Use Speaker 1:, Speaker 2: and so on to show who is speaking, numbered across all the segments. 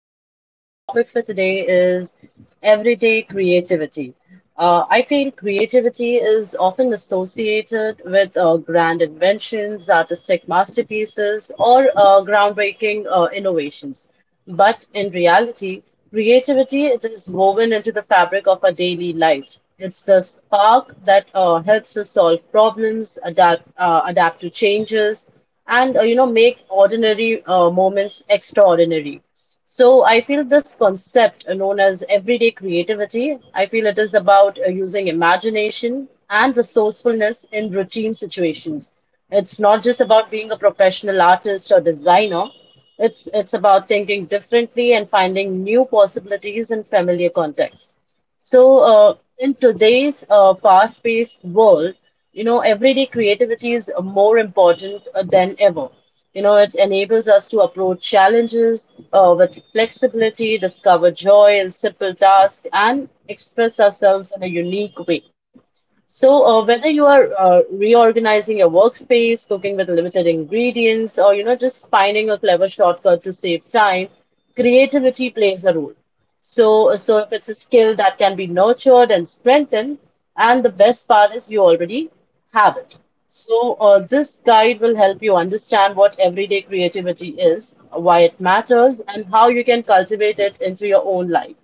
Speaker 1: And our topic for today is everyday creativity. I feel creativity is often associated with grand inventions, artistic masterpieces, or groundbreaking innovations. But in reality, creativity it is woven into the fabric of our daily lives. It's the spark that helps us solve problems, adapt to changes, and make ordinary moments extraordinary. So I feel this concept known as everyday creativity. I feel it is about using imagination and resourcefulness in routine situations. It's not just about being a professional artist or designer. It's about thinking differently and finding new possibilities in familiar contexts. So, in today's fast-paced world, everyday creativity is more important than ever. You know, it enables us to approach challenges with flexibility, discover joy in simple tasks, and express ourselves in a unique way. So, whether you are reorganizing your workspace, cooking with limited ingredients, or just finding a clever shortcut to save time, creativity plays a role. So if it's a skill that can be nurtured and strengthened, and the best part is you already have it. So, this guide will help you understand what everyday creativity is, why it matters, and how you can cultivate it into your own life.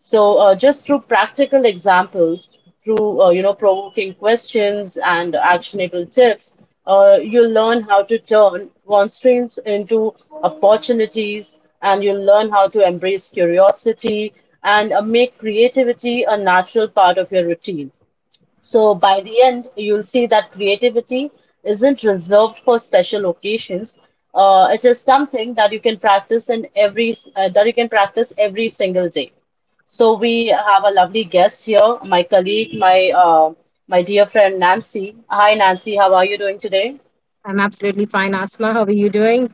Speaker 1: So just through practical examples, through provoking questions and actionable tips, you learn how to turn constraints into opportunities, and you learn how to embrace curiosity and make creativity a natural part of your routine. So by the end, you'll see that creativity isn't reserved for special occasions. It is something that you can practice in every that you can practice every single day. So we have a lovely guest here, my colleague, my dear friend Nancy. Hi, Nancy. How are you doing today?
Speaker 2: I'm absolutely fine, Asma. How are you doing?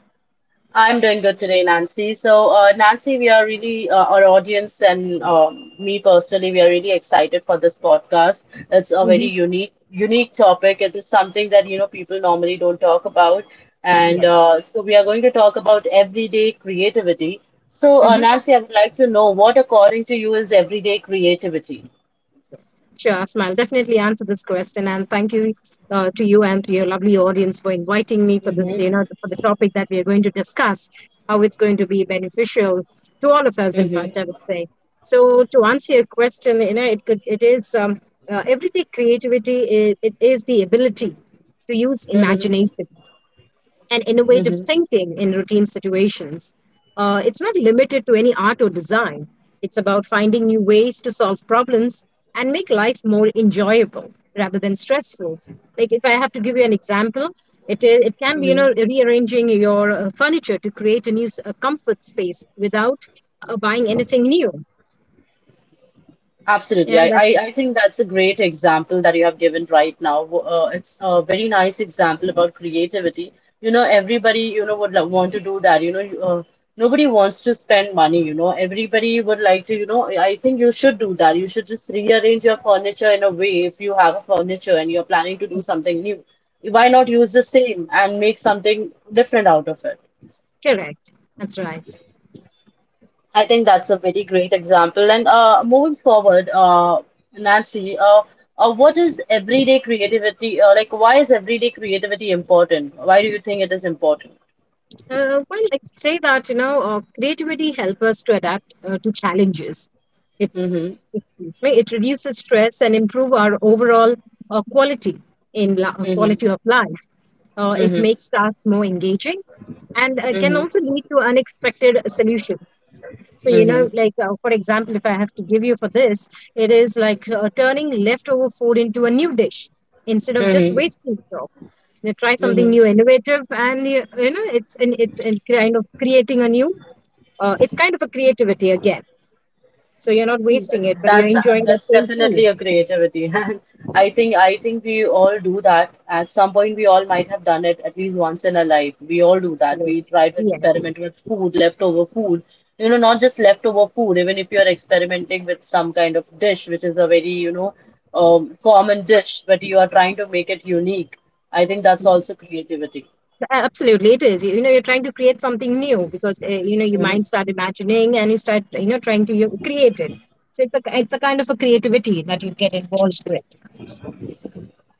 Speaker 1: I'm doing good today, Nancy. So, Nancy, we are really, our audience and me personally, we are really excited for this podcast. It's a very
Speaker 2: Mhm.
Speaker 1: unique topic. It is something that, you know, people normally don't talk about. And
Speaker 2: Yeah.
Speaker 1: so, we are going to talk about everyday creativity. So,
Speaker 2: hmm
Speaker 1: Nancy, I would like to know what, according to you, is everyday creativity?
Speaker 2: Sure, Asma. I'll definitely answer this question. And thank you to you and to your lovely audience for inviting me for this,
Speaker 1: Mm-hmm,
Speaker 2: for the topic that we are going to discuss, how it's going to be beneficial to all of us, in fact, I
Speaker 1: mm-hmm,
Speaker 2: would say. So to answer your question, it is everyday creativity. It is the ability to use
Speaker 1: mm-hmm,
Speaker 2: imagination and innovative
Speaker 1: mm-hmm,
Speaker 2: thinking in routine situations. It's not limited to any art or design, it's about finding new ways to solve problems and make life more enjoyable rather than stressful. Like, if I have to give you an example, it can be
Speaker 1: mm-hmm.
Speaker 2: rearranging your furniture to create a comfort space without buying anything new.
Speaker 1: Absolutely.
Speaker 2: Yeah,
Speaker 1: I,
Speaker 2: that's
Speaker 1: I, I think that's a great example that you have given right now. It's a very nice example about creativity. You know, everybody, you know, would want to do that. Nobody wants to spend money, you know. Everybody would like to, you know, I think you should do that. You should just rearrange your furniture in a way if you have a furniture and you're planning to do something new. Why not use the same and make something different out of it?
Speaker 2: correct. That's right.
Speaker 1: I think that's a very great example. And moving forward, Nancy, what is everyday creativity? Like, why is everyday creativity important? Why do you think it is important?
Speaker 2: Well, I could say that creativity helps us to adapt to challenges,
Speaker 1: Mm-hmm.
Speaker 2: excuse me, it reduces stress and improve our overall quality
Speaker 1: Mm-hmm.
Speaker 2: quality of life. It
Speaker 1: Mm-hmm.
Speaker 2: makes tasks more engaging and can also
Speaker 1: Mm-hmm.
Speaker 2: lead to unexpected solutions. So,
Speaker 1: Mm-hmm.
Speaker 2: like for example, if I have to give you for this, it is like turning leftover food into a new dish instead of just
Speaker 1: Mm-hmm.
Speaker 2: wasting it off. Try something
Speaker 1: Mm-hmm.
Speaker 2: new innovative, and it's and kind of creating a new it's kind of a creativity again, so you're not wasting it, but you're
Speaker 1: That's
Speaker 2: enjoying that same
Speaker 1: definitely
Speaker 2: food.
Speaker 1: a creativity, and I think we all do that. At some point, we all might have done it at least once in our life. We all do that.
Speaker 2: Right.
Speaker 1: We try to
Speaker 2: Yes,
Speaker 1: experiment with food, leftover food. You know, not just leftover food. Even if you're experimenting with some kind of dish, which is a very common dish, but you are trying to make it unique. I think that's also creativity.
Speaker 2: absolutely. It is. You know, you're trying to create something new because your mind start imagining, and you start trying to, create it. So it's a kind of a creativity that you get involved with.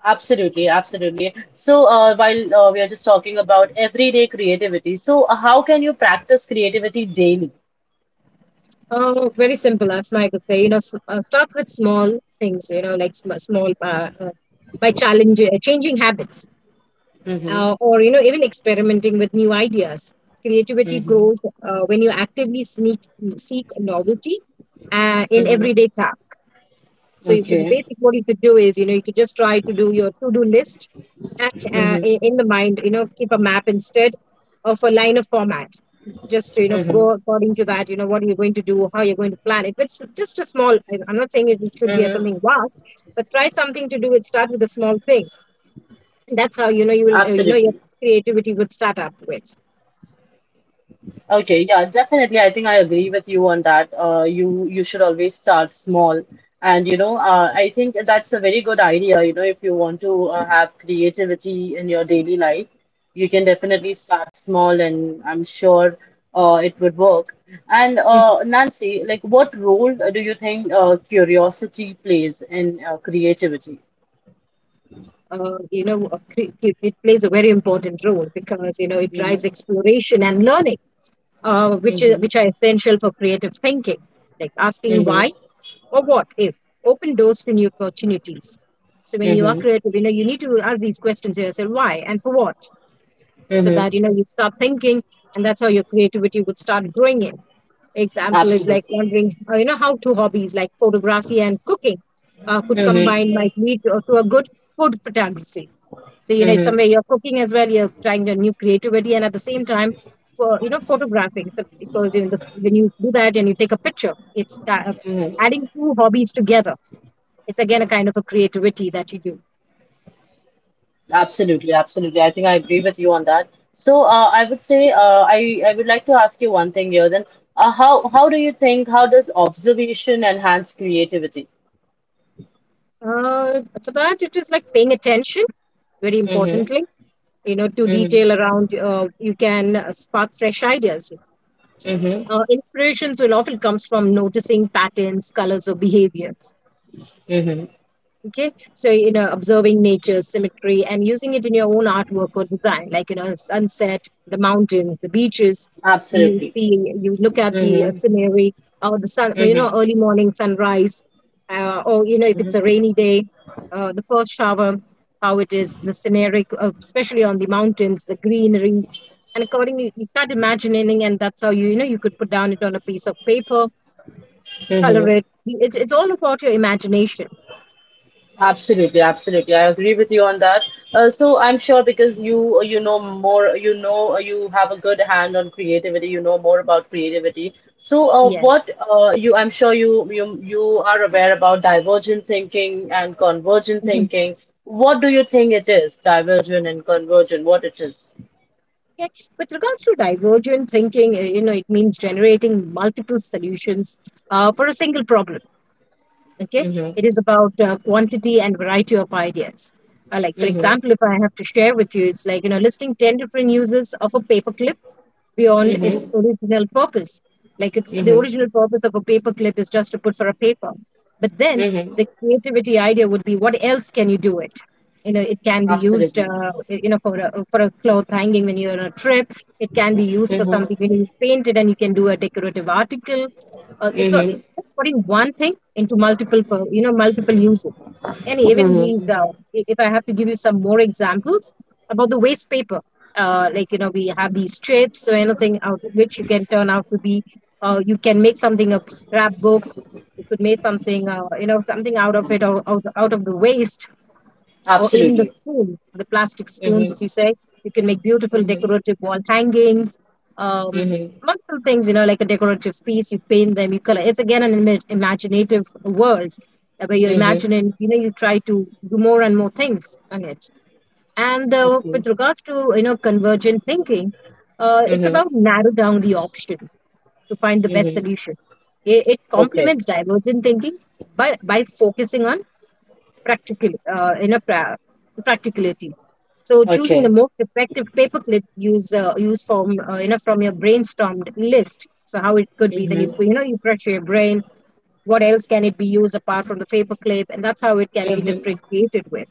Speaker 1: Absolutely, absolutely. So, while we are just talking about everyday creativity, so how can you practice creativity daily?
Speaker 2: Oh, very simple, as Mike would say. You know, start with small things. You know, like small, by challenge changing habits.
Speaker 1: Mm-hmm,
Speaker 2: Or even experimenting with new ideas, creativity
Speaker 1: mm-hmm,
Speaker 2: grows when you actively seek novelty in
Speaker 1: mm-hmm.
Speaker 2: everyday task. So the
Speaker 1: Okay.
Speaker 2: basic what you could do is, you could just try to do your to-do list, and,
Speaker 1: Mm-hmm,
Speaker 2: in the mind, keep a map instead of a line of format, just to,
Speaker 1: mm-hmm,
Speaker 2: go according to that, what are you going to do, how you're going to plan it. It's just a small, I'm not saying it should be a something
Speaker 1: mm-hmm.
Speaker 2: vast, but try something to do it, start with a small thing. That's how, you will, your
Speaker 1: Absolutely.
Speaker 2: creativity would start up with.
Speaker 1: Okay, yeah, definitely. I think I agree with you on that. You should always start small, and you know, I think that's a very good idea. You know, if you want to have creativity in your daily life, you can definitely start small, and I'm sure it would work. And
Speaker 2: Mhm.
Speaker 1: Nancy, like, what role do you think curiosity plays in creativity?
Speaker 2: It plays a very important role, because it drives
Speaker 1: Mm-hmm,
Speaker 2: exploration and learning,
Speaker 1: mm-hmm,
Speaker 2: which are essential for creative thinking, like asking
Speaker 1: mm-hmm,
Speaker 2: why or what if, open doors to new opportunities. So when you are
Speaker 1: mm-hmm,
Speaker 2: creative, you need to ask these questions to yourself, why and for what, so
Speaker 1: mm-hmm.
Speaker 2: that, you start thinking, and that's how your creativity would start growing in. Example is like
Speaker 1: Absolutely.
Speaker 2: wondering, how two hobbies like photography and cooking could
Speaker 1: Mm-hmm,
Speaker 2: combine, might lead to a good food photography. So, it's
Speaker 1: mm-hmm,
Speaker 2: somewhere you're cooking as well, you're trying your new creativity, and at the same time, for, photographing. So because, when you do that and you take a picture, it's
Speaker 1: mm-hmm.
Speaker 2: adding two hobbies together. It's again a kind of a creativity that you do.
Speaker 1: Absolutely, absolutely. I think I agree with you on that. So, I would like to ask you one thing here. Then, how do you think how does observation enhance creativity?
Speaker 2: For that, it is like paying attention very
Speaker 1: Mm-hmm.
Speaker 2: importantly, to detail
Speaker 1: Mm-hmm.
Speaker 2: around. You can spark fresh ideas.
Speaker 1: Mm-hmm.
Speaker 2: Inspirations will often comes from noticing patterns, colors, or behaviors.
Speaker 1: Mm-hmm.
Speaker 2: Okay, so, observing nature, symmetry, and using it in your own artwork or design, like, sunset, the mountains, the beaches. You
Speaker 1: Absolutely.
Speaker 2: see, you look at the
Speaker 1: Mm-hmm.
Speaker 2: scenery, or the sun,
Speaker 1: Mm-hmm.
Speaker 2: early morning sunrise, or, if it's a rainy day, the first shower, how it is the scenery, especially on the mountains, the greenery. And accordingly you start imagining, and that's how, you could put down it on a piece of paper, color
Speaker 1: Mm-hmm.
Speaker 2: it. It's all about your imagination.
Speaker 1: Absolutely, absolutely. I agree with you on that. I'm sure because you know more, you know you have a good hand on creativity. You know more about creativity. So
Speaker 2: Yeah.
Speaker 1: what you I'm sure you are aware about divergent thinking and convergent
Speaker 2: Mhm.
Speaker 1: thinking. What do you think it is? Divergent and convergent. What it is?
Speaker 2: Okay. With regards to divergent thinking, it means generating multiple solutions for a single problem. Okay.
Speaker 1: Mhm.
Speaker 2: It is about quantity and variety of ideas. Like, for
Speaker 1: Mhm.
Speaker 2: example, if I have to share with you, it's like, listing 10 different uses of a paperclip beyond its
Speaker 1: Mhm.
Speaker 2: original purpose. Like, it's the
Speaker 1: Mhm.
Speaker 2: original purpose of a paperclip is just to put for a paper. But then,
Speaker 1: Mhm.
Speaker 2: the creativity idea would be, what else can you do it? You know, it can be used,
Speaker 1: Absolutely.
Speaker 2: for for a cloth hanging when you're on a trip. It can be used for
Speaker 1: Mhm.
Speaker 2: something when you paint it, and you can do a decorative article. It's
Speaker 1: Mhm.
Speaker 2: just putting one thing into multiple, multiple uses. And even
Speaker 1: Mhm.
Speaker 2: these,
Speaker 1: mhm.
Speaker 2: if I have to give you some more examples about the waste paper, like, we have these strips or anything out of which you can turn out to be, you can make something a scrapbook. You could make something, something out of it, or out of the waste. Or even the
Speaker 1: Absolutely.
Speaker 2: spoon, the plastic spoons
Speaker 1: Mhm.
Speaker 2: if you say, you can make beautiful
Speaker 1: Mhm.
Speaker 2: decorative wall hangings. um,
Speaker 1: Mhm.
Speaker 2: Multiple things, like a decorative piece, you paint them, you color. It's again an imaginative world, where you're
Speaker 1: Mhm.
Speaker 2: imagining, you try to do more and more things on it. And
Speaker 1: Okay.
Speaker 2: with regards to, convergent thinking, it's
Speaker 1: Mm-hmm.
Speaker 2: about narrow down the option to find the best
Speaker 1: Mm-hmm.
Speaker 2: solution. It
Speaker 1: Okay.
Speaker 2: complements divergent thinking by focusing on practical, practicality. So, choosing the
Speaker 1: Okay.
Speaker 2: most effective paperclip use from, from your brainstormed list. So how it could be? Then,
Speaker 1: Mm-hmm.
Speaker 2: you pressure your brain. What else can it be used apart from the paperclip? And that's how it can be
Speaker 1: Mm-hmm.
Speaker 2: differentiated with.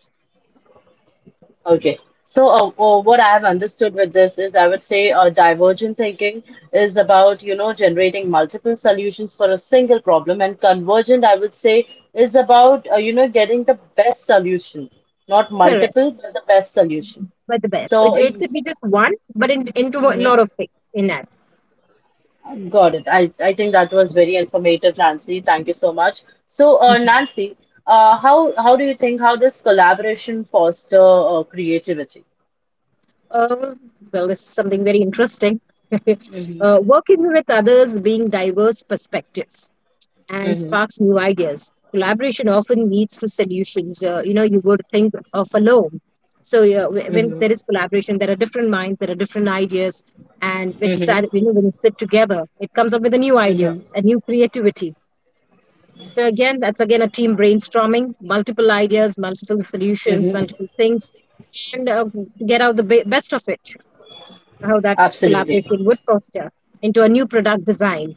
Speaker 1: Okay. So, what I have understood with this is I would say divergent thinking is about, you know, generating multiple solutions for a single problem, and convergent, I would say, is about, you know, getting the best solution, not
Speaker 2: Correct.
Speaker 1: multiple, but the best solution.
Speaker 2: Were the
Speaker 1: So,
Speaker 2: best. It
Speaker 1: mm-hmm.
Speaker 2: could be just one, but into a lot of things in that.
Speaker 1: Got it. I think that was very informative, Nancy. Thank you so much. So,
Speaker 2: Mm-hmm.
Speaker 1: Nancy, how do you think how does collaboration foster creativity?
Speaker 2: Uh, well, this is something very interesting.
Speaker 1: Mm-hmm.
Speaker 2: Working with others, being diverse perspectives and
Speaker 1: Mm-hmm.
Speaker 2: sparks new ideas. Collaboration often leads to solutions. You would think of alone. So yeah, when
Speaker 1: Mm-hmm.
Speaker 2: there is collaboration, there are different minds, there are different ideas, and
Speaker 1: Mm-hmm.
Speaker 2: when, when you sit together, it comes up with a new idea,
Speaker 1: Mm-hmm.
Speaker 2: a new creativity. So again, that's again a team brainstorming, multiple ideas, multiple solutions,
Speaker 1: Mm-hmm.
Speaker 2: multiple things, and get out the best of it. How that
Speaker 1: Absolutely.
Speaker 2: collaboration would foster into a new product design.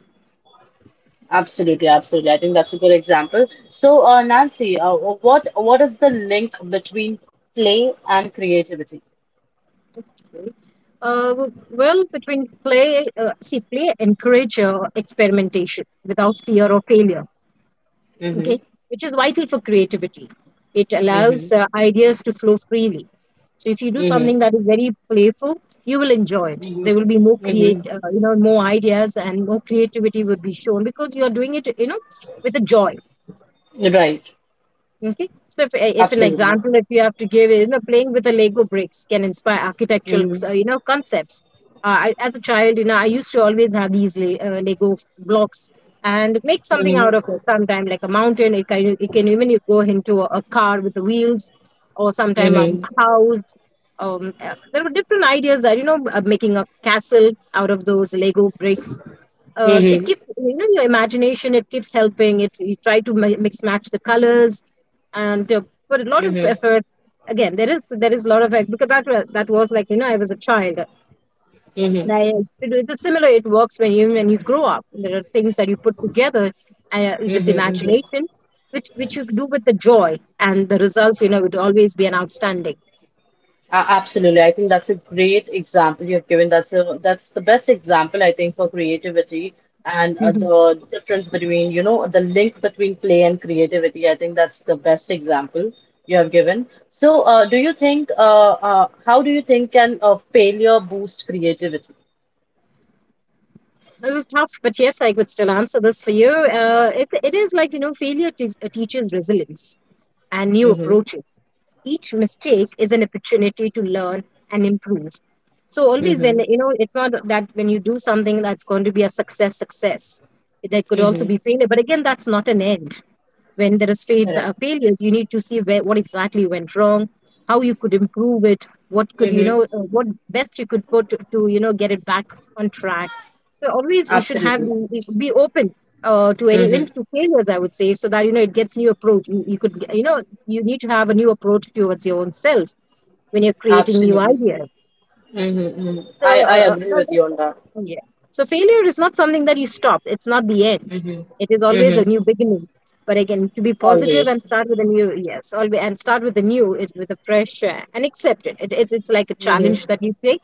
Speaker 1: Absolutely. Absolutely. I think that's a good example. So, Nancy, what is the link between play and creativity?
Speaker 2: Right? Well, between play, see, play encourage experimentation without fear of failure,
Speaker 1: Mm-hmm.
Speaker 2: okay, which is vital for creativity. It
Speaker 1: Mm-hmm.
Speaker 2: allows ideas to flow freely. So if you do
Speaker 1: Mm-hmm.
Speaker 2: something that is very playful, you will enjoy it. There will be more
Speaker 1: Mm-hmm. Mm-hmm.
Speaker 2: more ideas, and more creativity will be shown, because you are doing it, with a joy.
Speaker 1: Right.
Speaker 2: Okay. So, if an
Speaker 1: Absolutely.
Speaker 2: example that you have to give is, playing with the Lego bricks can inspire architectural,
Speaker 1: Mm-hmm.
Speaker 2: concepts. I, as a child, I used to always have these Lego blocks, and make something out of
Speaker 1: Mm-hmm.
Speaker 2: it. Sometime like a mountain, it can even, you go into a car with the wheels, or sometime a
Speaker 1: Mm-hmm.
Speaker 2: house. There were different ideas that, making a castle out of those Lego bricks,
Speaker 1: Mm-hmm.
Speaker 2: it keeps, your imagination, it keeps helping it, you try to mix match the colors, and put a lot of
Speaker 1: Mm-hmm.
Speaker 2: effort. Again, there is a lot of effort, because that was like, I was a child, and
Speaker 1: Mm-hmm.
Speaker 2: I used to do it. It's similar, it works when you grow up, there are things that you put together with
Speaker 1: Mm-hmm. Mm-hmm.
Speaker 2: imagination, which you do with the joy, and the results, would always be an outstanding.
Speaker 1: Absolutely. I think that's a great example you've given. That's a that's the best example I think for creativity and
Speaker 2: Mhm.
Speaker 1: the difference between, you know, the link between play and creativity. I think that's the best example you have given. So, do you think how do you think can failure boost creativity?
Speaker 2: It was tough, but yes, I could still answer this for you. It is like, failure teaches resilience and new
Speaker 1: Mm-hmm.
Speaker 2: approaches. Each mistake is an opportunity to learn and improve. So always, when
Speaker 1: Mm-hmm.
Speaker 2: you know, it's not that when you do something that's going to be a success. There could also
Speaker 1: Mm-hmm.
Speaker 2: be failure, but again that's not an end. When there is
Speaker 1: Correct.
Speaker 2: failures, you need to see where what exactly went wrong, how you could improve it, what could, you know,
Speaker 1: Mm-hmm.
Speaker 2: what best you could put to, you know, get it back on track. So always you should
Speaker 1: Absolutely.
Speaker 2: be open to any, even
Speaker 1: Mm-hmm.
Speaker 2: to failures, I would say, so that you know it gets new approach. You could, you know, you need to have a new approach towards your own self when you're creating new
Speaker 1: Absolutely.
Speaker 2: ideas,
Speaker 1: Mm-hmm. I
Speaker 2: so
Speaker 1: I agree with you on that.
Speaker 2: yeah, so failure is not something that you stop, it's not the end,
Speaker 1: Mm-hmm.
Speaker 2: it is always a
Speaker 1: Mm-hmm.
Speaker 2: new beginning, but again, to be positive
Speaker 1: Always.
Speaker 2: and start with a new, yes, always, and start with a new is with a fresh and accept it. It's like a challenge
Speaker 1: Mm-hmm.
Speaker 2: that you take,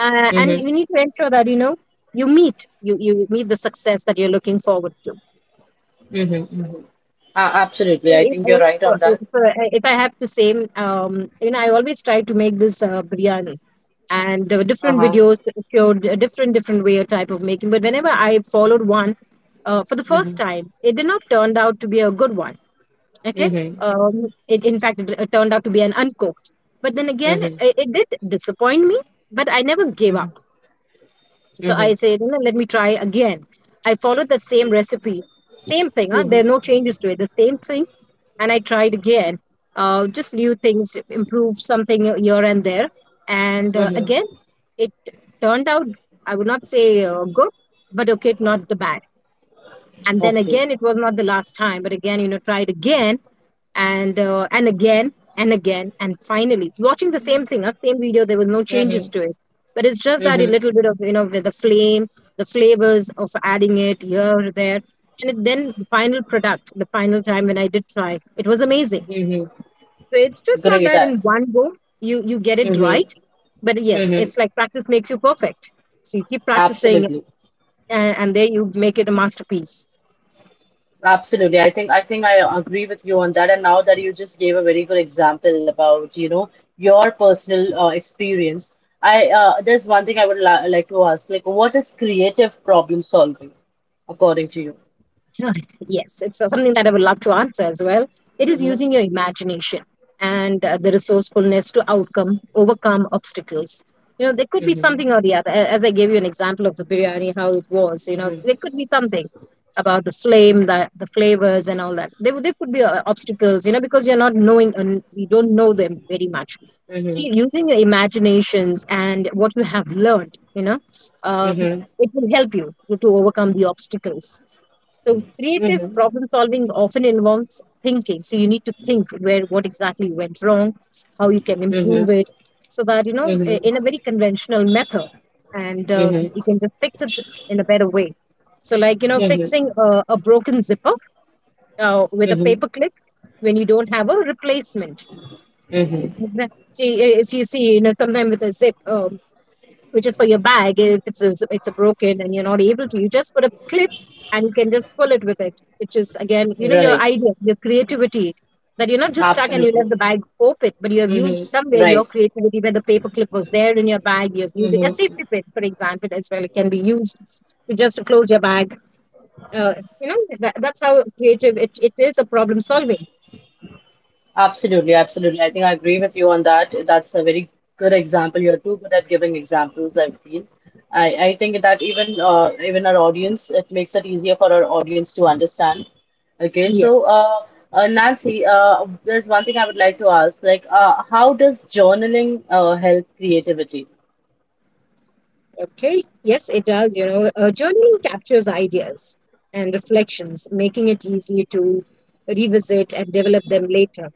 Speaker 2: and you
Speaker 1: Mm-hmm.
Speaker 2: need to ensure that, you know, you meet, you meet the success that you're looking forward to.
Speaker 1: Mm-hmm. Hmm. Absolutely.
Speaker 2: So
Speaker 1: I think you're right on that.
Speaker 2: if I have to say, you know, I always try to make this biryani and the different
Speaker 1: Uh-huh.
Speaker 2: videos showed a different way or type of making, but whenever I followed one for the first
Speaker 1: Mm-hmm.
Speaker 2: time, it did not turned out to be a good one. Okay.
Speaker 1: Mm-hmm.
Speaker 2: It in fact, it turned out to be an uncooked, but then again,
Speaker 1: Mm-hmm.
Speaker 2: it did disappoint me, but I never gave up.
Speaker 1: Mm-hmm.
Speaker 2: So
Speaker 1: Mm-hmm.
Speaker 2: I said, "No, let me try again." I followed the same recipe, same thing, huh? There are no
Speaker 1: Mm-hmm.
Speaker 2: changes to it, the same thing, and I tried again. Just new things, improved something here and there, and
Speaker 1: Mm-hmm.
Speaker 2: again, it turned out. I would not say good, but okay, not the bad. And then
Speaker 1: Okay.
Speaker 2: again, it was not the last time, but again, you know, tried again and again and again, and finally, watching the same thing, a same video, there was no
Speaker 1: Mm-hmm.
Speaker 2: changes to it, but it's just that a
Speaker 1: Mm-hmm.
Speaker 2: little bit of, you know, with the flame, the flavors of adding it here or there, and then the final product, the final time when I did try, it was amazing.
Speaker 1: Mm-hmm.
Speaker 2: So it's just not
Speaker 1: Great.
Speaker 2: that in one go you get it
Speaker 1: Mm-hmm.
Speaker 2: right, but yes,
Speaker 1: Mm-hmm.
Speaker 2: it's like practice makes you perfect. So you keep practicing,
Speaker 1: Absolutely.
Speaker 2: and there you make it a masterpiece.
Speaker 1: Absolutely. I think I agree with you on that. And now that you just gave a very good example about, you know, your personal experience, I there's one thing I would la like to ask, like, what is creative problem solving according to you?
Speaker 2: Yes, it's something that I would love to answer as well. It is
Speaker 1: Mm-hmm.
Speaker 2: using your imagination and the resourcefulness to outcome overcome obstacles. You know, there could be
Speaker 1: Mm-hmm.
Speaker 2: something or the other. As I gave you an example of the biryani, how it was. You know, there
Speaker 1: Mm-hmm.
Speaker 2: could be something about the flame, the flavors, and all that. There could be obstacles. You know, because you're not knowing and you don't know them very much.
Speaker 1: Mm-hmm.
Speaker 2: So
Speaker 1: Mm-hmm.
Speaker 2: you're using your imaginations and what you have learned. You know, uh,
Speaker 1: Mm-hmm.
Speaker 2: it will help you to overcome the obstacles. So creative
Speaker 1: Mm-hmm.
Speaker 2: problem solving often involves thinking. So you need to think where what exactly went wrong, how you can improve
Speaker 1: Mm-hmm.
Speaker 2: it, so that you know, in a very conventional method, and you can just fix it in a better way. So, like, you know,
Speaker 1: Mm-hmm.
Speaker 2: fixing a broken zipper with a
Speaker 1: Mm-hmm.
Speaker 2: paper clip when you don't have a replacement.
Speaker 1: Mm-hmm.
Speaker 2: Mhm. See, if you see, you know, sometimes with a zip, which is for your bag, if it's a, it's a broken and you're not able to, you just put a clip and you can just pull it with it, which is again, you know, your
Speaker 1: Right.
Speaker 2: idea, your creativity. That you're not just stuck and you
Speaker 1: Absolutely.
Speaker 2: left the bag open, but you have used
Speaker 1: Mm-hmm.
Speaker 2: somewhere
Speaker 1: Right.
Speaker 2: your creativity where the paper clip was there in your bag. You're using a
Speaker 1: Mm-hmm.
Speaker 2: safety pin, for example, as well. It can be used to just to close your bag. Uh, you know, that's how creative it is, a problem solving.
Speaker 1: Absolutely, absolutely. I think I agree with you on that. That's a very good example. You're too good at giving examples, I feel. I think that even even our audience, it makes it easier for our audience to understand. Okay,
Speaker 2: Yeah.
Speaker 1: so Nancy, there's one thing I would like to ask, like how does journaling help creativity?
Speaker 2: Okay, yes, it does. You know, journaling captures ideas and reflections, making it easy to revisit and develop them later.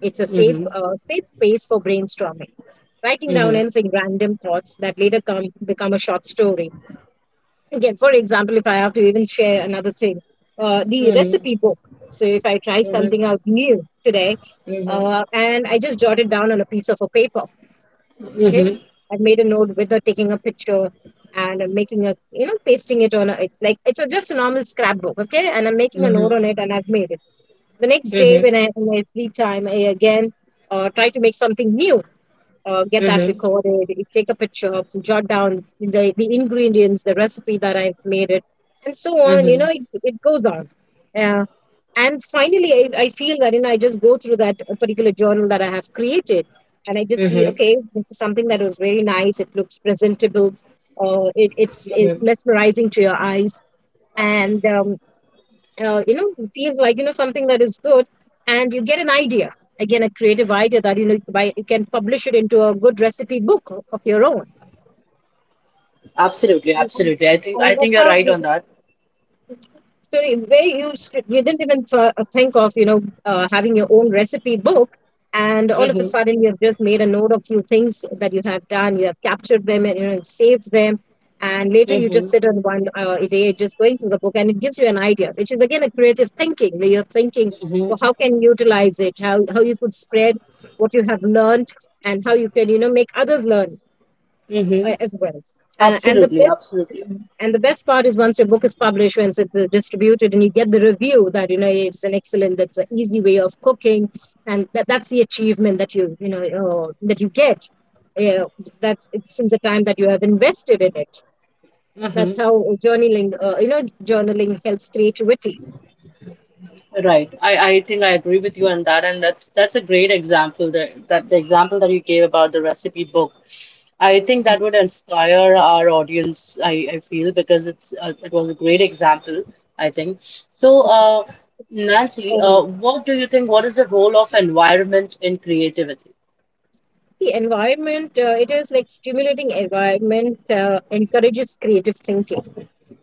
Speaker 2: It's a
Speaker 1: Mm-hmm,
Speaker 2: safe space for brainstorming, writing down
Speaker 1: mm-hmm,
Speaker 2: anything, random thoughts that later come become a short story. Again, for example, if I have to even share another thing, the
Speaker 1: mm-hmm,
Speaker 2: recipe book. So if I try something
Speaker 1: mm-hmm,
Speaker 2: out new today,
Speaker 1: mm-hmm,
Speaker 2: and I just jot it down on a piece of a paper. Okay,
Speaker 1: mm-hmm,
Speaker 2: I've made a note with taking a picture, and I'm making a, you know, pasting it on a, it's like it's a, just a normal scrapbook. Okay, and I'm making a note on
Speaker 1: mm-hmm,
Speaker 2: it and I've made it. The next day
Speaker 1: mm-hmm,
Speaker 2: when I free time, I again try to make something new. Get that
Speaker 1: mm-hmm,
Speaker 2: recorded, take a picture, jot down the ingredients, the recipe that I've made it, and so on. You know,
Speaker 1: mm-hmm.
Speaker 2: it goes on. And finally, I feel that, you know, I just go through that particular journal that I have created, and I just see,
Speaker 1: Mm-hmm.
Speaker 2: okay, this is something that was very nice. It looks presentable. It's mesmerizing to your eyes. And, you know, it feels like, you know, something that is good. And you get an idea, again, a creative idea that, you know, you can, buy, you can publish it into a good recipe book of your own.
Speaker 1: Absolutely,
Speaker 2: And,
Speaker 1: absolutely. I
Speaker 2: and that's
Speaker 1: think you're
Speaker 2: how,
Speaker 1: right on that.
Speaker 2: so where you you didn't even think of, you know, having your own recipe book, and all of a
Speaker 1: Mm-hmm.
Speaker 2: sudden you have just made a note of few things that you have done. You have captured them and, you know, saved them, and later you just
Speaker 1: Mm-hmm.
Speaker 2: sit on one a day, just going through the book, and it gives you an idea, which is again a creative thinking where you're thinking,
Speaker 1: Mm-hmm.
Speaker 2: well, how can you utilize it? How you could spread what you have learned, and how you can, you know, make others learn
Speaker 1: Mm-hmm.
Speaker 2: as well. Uh, and the
Speaker 1: Absolutely,
Speaker 2: best
Speaker 1: absolutely.
Speaker 2: and the best part is, once your book is published, once it's distributed, and you get the review that, you know, it's an excellent, that's an easy way of cooking, and that's the achievement that you know, that you get. Yeah, that's it, since the time that you have invested in it. That's
Speaker 1: Mm-hmm.
Speaker 2: how you know, journaling helps creativity.
Speaker 1: Right. I think I agree with you on that, and that's a great example that the example that you gave about the recipe book. I think that would inspire our audience, I feel, because it's it was a great example, I think. So, Nancy,
Speaker 2: Uh,
Speaker 1: what do you think, what is the role of environment in creativity?
Speaker 2: it is like stimulating environment, encourages creative thinking.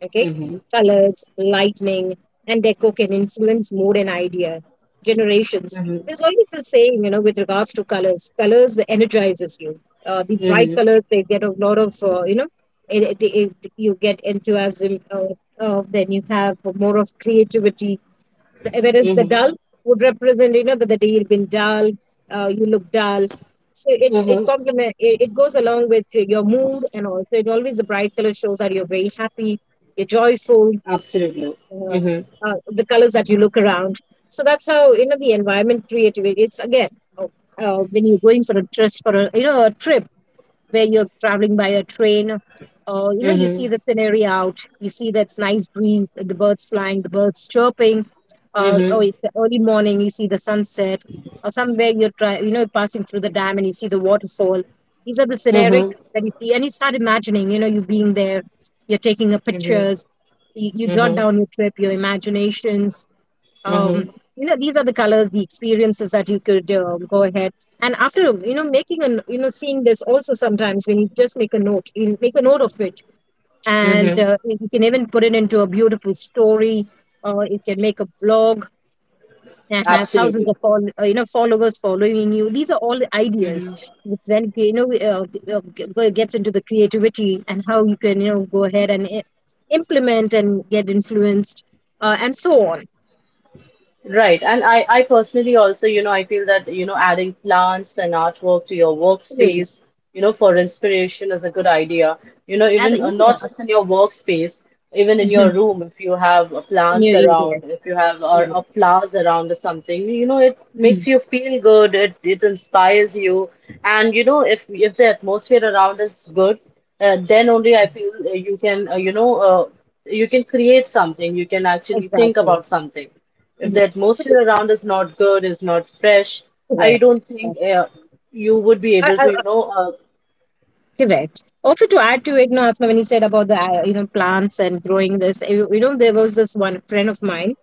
Speaker 2: Okay,
Speaker 1: Mm-hmm.
Speaker 2: colors, lightning, and deco can influence mood and idea generations.
Speaker 1: Mm-hmm.
Speaker 2: There's always the saying, you know, with regards to colors. Colors energizes you. The bright
Speaker 1: Mm-hmm.
Speaker 2: colors, they get a lot of, you know, you get enthusiasm. Then you have more of creativity, whereas the
Speaker 1: Mm-hmm.
Speaker 2: dull would represent, you know, that the day you've been dull, you look dull, so it
Speaker 1: Mm-hmm.
Speaker 2: complement, it goes along with your mood, and also it, always the bright color shows that you're very happy, you're joyful,
Speaker 1: Absolutely.
Speaker 2: uh,
Speaker 1: Mm-hmm.
Speaker 2: the colors that you look around. So that's how, you know, the environment creativity. It's again, uh, when you're going for a dress for a, you know, a trip where you're traveling by a train, or, you know, you
Speaker 1: Mm-hmm.
Speaker 2: see the scenery out, you see that's nice breeze, the birds flying, the birds chirping, oh,
Speaker 1: Mm-hmm.
Speaker 2: it's the early morning, you see the sunset, or somewhere you're you know, passing through the dam and you see the waterfall. These are the sceneric
Speaker 1: Mm-hmm.
Speaker 2: that you see, and you start imagining, you know, you being there, you're taking a
Speaker 1: Mm-hmm.
Speaker 2: pictures, you jot
Speaker 1: Mm-hmm.
Speaker 2: down your trip, your imaginations. um,
Speaker 1: Mm-hmm.
Speaker 2: you know, these are the colors, the experiences that you could go ahead, and after, you know, making an, you know, seeing this also sometimes, when you just make a note, you make a note of it, and
Speaker 1: Mm-hmm.
Speaker 2: you can even put it into a beautiful story, or you can make a vlog and have thousands
Speaker 1: Absolutely.
Speaker 2: of you know, followers following you. These are all ideas which then, you know, gets into the creativity, and how you can, you know, go ahead and implement and get influenced and so on.
Speaker 1: Right. And I personally also, you know, I feel that, you know, adding plants and artwork to your
Speaker 2: Absolutely.
Speaker 1: workspace, you know, for inspiration is a good idea. You know,
Speaker 2: Yeah.
Speaker 1: even not just in your workspace, even in your
Speaker 2: Mhm.
Speaker 1: room, if you have plants
Speaker 2: New Year.
Speaker 1: around, if you have
Speaker 2: New.
Speaker 1: or flowers around or something, you know, it makes
Speaker 2: Mhm.
Speaker 1: you feel good. It inspires you. And, you know, if the atmosphere around is good, then only I feel you can create something. You can actually think
Speaker 2: Exactly.
Speaker 1: about something. If
Speaker 2: Mhm.
Speaker 1: the
Speaker 2: But
Speaker 1: atmosphere
Speaker 2: it's.
Speaker 1: around is not good, is not fresh, I
Speaker 2: Correct.
Speaker 1: don't
Speaker 2: Yeah.
Speaker 1: think you would be
Speaker 2: I-
Speaker 1: able
Speaker 2: I-
Speaker 1: to, you
Speaker 2: I-
Speaker 1: know.
Speaker 2: Correct. Also, to add to it, no, Asma, when you said about the you know, plants and growing this, you know, there was this one friend of mine,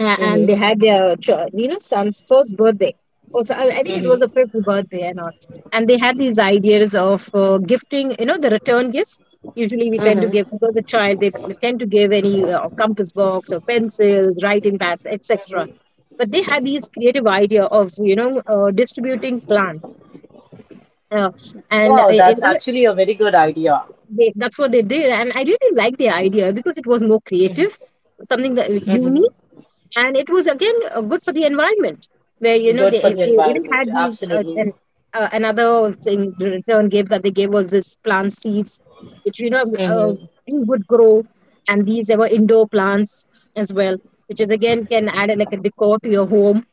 Speaker 2: and
Speaker 1: Mhm,
Speaker 2: they had their you know, son's first birthday. Also, I think it
Speaker 1: mhm,
Speaker 2: was a fifth birthday and all, and they had these ideas of gifting, you know, the return gifts. Usually, we tend to
Speaker 1: mhm,
Speaker 2: give because the child they tend to give any compass box or pencils, writing pads, etc,
Speaker 1: mhm.
Speaker 2: but they had these creative idea of distributing plants. uh, and uh,
Speaker 1: Wow,
Speaker 2: it,
Speaker 1: that's
Speaker 2: it-
Speaker 1: actually a very good idea.
Speaker 2: they, that's what they did and I really liked the idea because it was more
Speaker 1: Mhm,
Speaker 2: creative, something that
Speaker 1: mhm.
Speaker 2: unique, and it was again good for the environment, where you know
Speaker 1: Good for
Speaker 2: they,
Speaker 1: the
Speaker 2: they even
Speaker 1: environment,
Speaker 2: had these uh,
Speaker 1: absolutely.
Speaker 2: and, uh, another thing the return gave that they gave was this plant seeds, which really would grow, and these they were indoor plants as well, which is again can add like a decor to your home,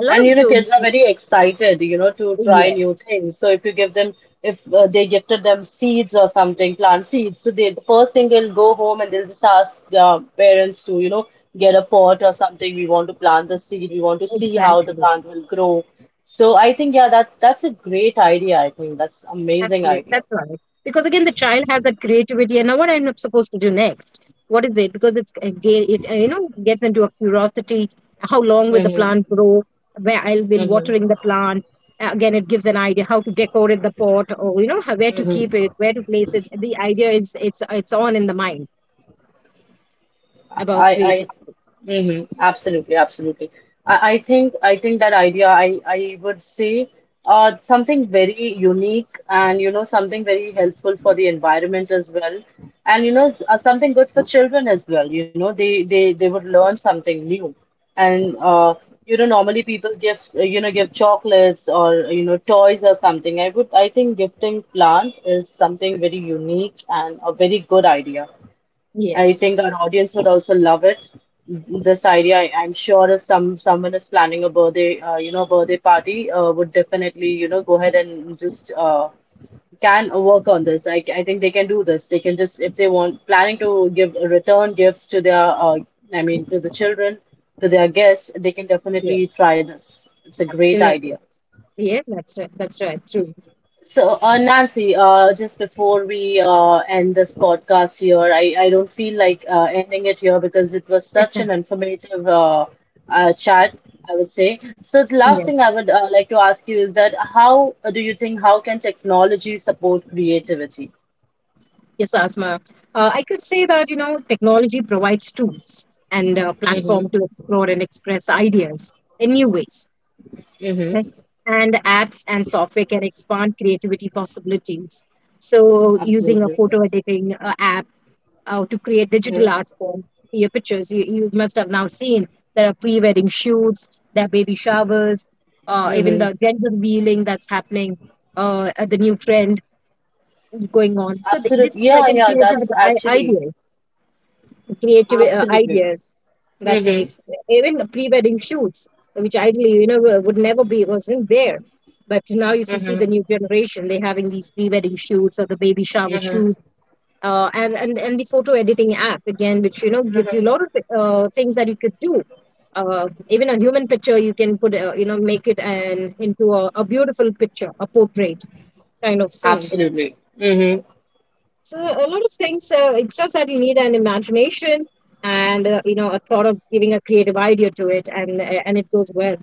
Speaker 2: a lot
Speaker 1: And
Speaker 2: of
Speaker 1: you know,
Speaker 2: you.
Speaker 1: kids are very excited, you know, to try new
Speaker 2: Yes.
Speaker 1: things. So if you give them, if they gifted them seeds or something, plant seeds, so they the first thing they'll go home and they'll just ask their parents to, you know, get a pot or something. We want to plant the seed. We want to see how the
Speaker 2: Exactly.
Speaker 1: plant will grow. So I think, yeah, that's a great idea. I think that's amazing
Speaker 2: Absolutely.
Speaker 1: idea.
Speaker 2: That's right. Because again, the child has that creativity. And now, what I'm supposed to do next? What is it? Because it you know gets into a curiosity. How long will the
Speaker 1: Mm-hmm,
Speaker 2: plant grow? Where I'll be
Speaker 1: mm-hmm,
Speaker 2: watering the plant. Again, it gives an idea how to decorate the pot, or you know how, where to keep
Speaker 1: mm-hmm.
Speaker 2: it, where to place it. The idea is it's on in the mind about
Speaker 1: I,
Speaker 2: creativity.
Speaker 1: hmm Absolutely, absolutely. I think that idea, I would say, something very unique and, you know, something very helpful for the environment as well. And, you know, something good for children as well. You know, they would learn something new. And, you know, normally people give, give chocolates or, you know, toys or something. I think gifting plant is something very unique and a very good idea. I
Speaker 2: Yes.
Speaker 1: think our audience would also love it. This idea, I'm sure, if someone is planning a birthday, you know, birthday party, would definitely, you know, go ahead and just can work on this. I think they can do this. They can just, if they want, planning to give return gifts to their, I mean, to the children, to their guests, they can
Speaker 2: Yeah.
Speaker 1: definitely try this. It's a great
Speaker 2: Absolutely.
Speaker 1: idea.
Speaker 2: Yeah. That's right. That's right. True.
Speaker 1: So, Nancy, just before we end this podcast here, I don't feel like ending it here because it was such an informative chat, I would say. So, the last
Speaker 2: Yeah.
Speaker 1: thing I would like to ask you is that how do you think how can technology support creativity?
Speaker 2: Yes, Asma. I could say that, you know, technology provides tools and a
Speaker 1: Mm-hmm,
Speaker 2: platform to explore and express ideas in new ways. Okay?
Speaker 1: mm-hmm,
Speaker 2: And apps and software can expand creativity possibilities. So, using a
Speaker 1: absolutely.
Speaker 2: photo editing app to create digital
Speaker 1: Mm-hmm,
Speaker 2: art form, your pictures, you must have now seen there are pre wedding shoots, there are baby showers, even
Speaker 1: mm-hmm.
Speaker 2: the gender revealing that's happening, the new trend going on. So, this
Speaker 1: Absolutely.
Speaker 2: is like
Speaker 1: Yeah,
Speaker 2: a
Speaker 1: yeah,
Speaker 2: creative
Speaker 1: that's actually
Speaker 2: idea, creative
Speaker 1: absolutely.
Speaker 2: ideas that
Speaker 1: Mm-hmm,
Speaker 2: takes even pre-wedding shoots, which ideally you know would never be wasn't there, but now if you see
Speaker 1: mm-hmm,
Speaker 2: the new generation they're having these pre-wedding shoots or the baby shower
Speaker 1: mm-hmm,
Speaker 2: shoot. And the photo editing app again, which you know gives you a lot of things that you could do. Even a human picture you can put you know make it an into a beautiful picture, a portrait kind of things.
Speaker 1: absolutely. Mm-hmm.
Speaker 2: So a lot of things. It's just that you need an imagination and you know a thought of giving a creative idea to it, and it goes well.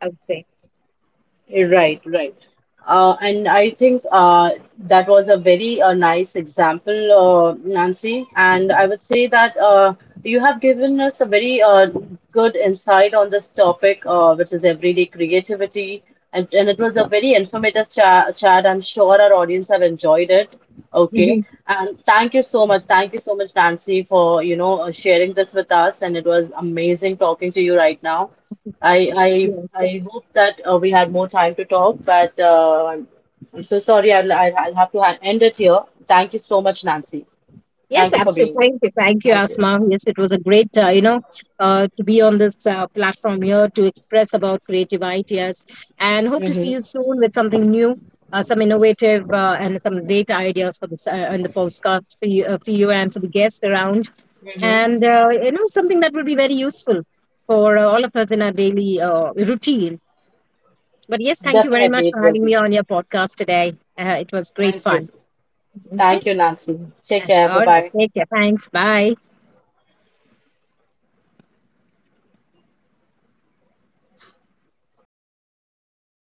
Speaker 2: I would say.
Speaker 1: Right, right. And I think that was a very nice example, Nancy. And I would say that you have given us a very good insight on this topic, which is everyday creativity. And it was a very informative chat. I'm sure our audience have enjoyed it. Okay.
Speaker 2: Mhm.
Speaker 1: And thank you so much. Thank you so much, Nancy, for, you know, sharing this with us. And it was amazing talking to you right now. I I
Speaker 2: Yes,
Speaker 1: I hope that we had more time to talk, but I'm so sorry. I'll have to end it here. Thank you so much, Nancy.
Speaker 2: yes,
Speaker 1: Thank you for
Speaker 2: absolutely.
Speaker 1: being here.
Speaker 2: Thank you,
Speaker 1: Thank you.
Speaker 2: Asma. Yes, it was a great you know to be on this platform here to express about creative ideas, and hope to see
Speaker 1: Mm-hmm.
Speaker 2: you soon with something new. Some innovative and some great ideas for this, and the postcards for you and for the guests around,
Speaker 1: Mm-hmm.
Speaker 2: and you know something that will be very useful for all of us in our daily routine. But yes, thank you very
Speaker 1: Definitely,
Speaker 2: much
Speaker 1: it
Speaker 2: for
Speaker 1: will
Speaker 2: having me
Speaker 1: be.
Speaker 2: on your podcast today. It was great
Speaker 1: Thank you.
Speaker 2: fun. Okay.
Speaker 1: Thank you, Nancy. Take care.
Speaker 2: All
Speaker 1: Bye
Speaker 2: right,
Speaker 1: bye.
Speaker 2: take care, thanks, bye.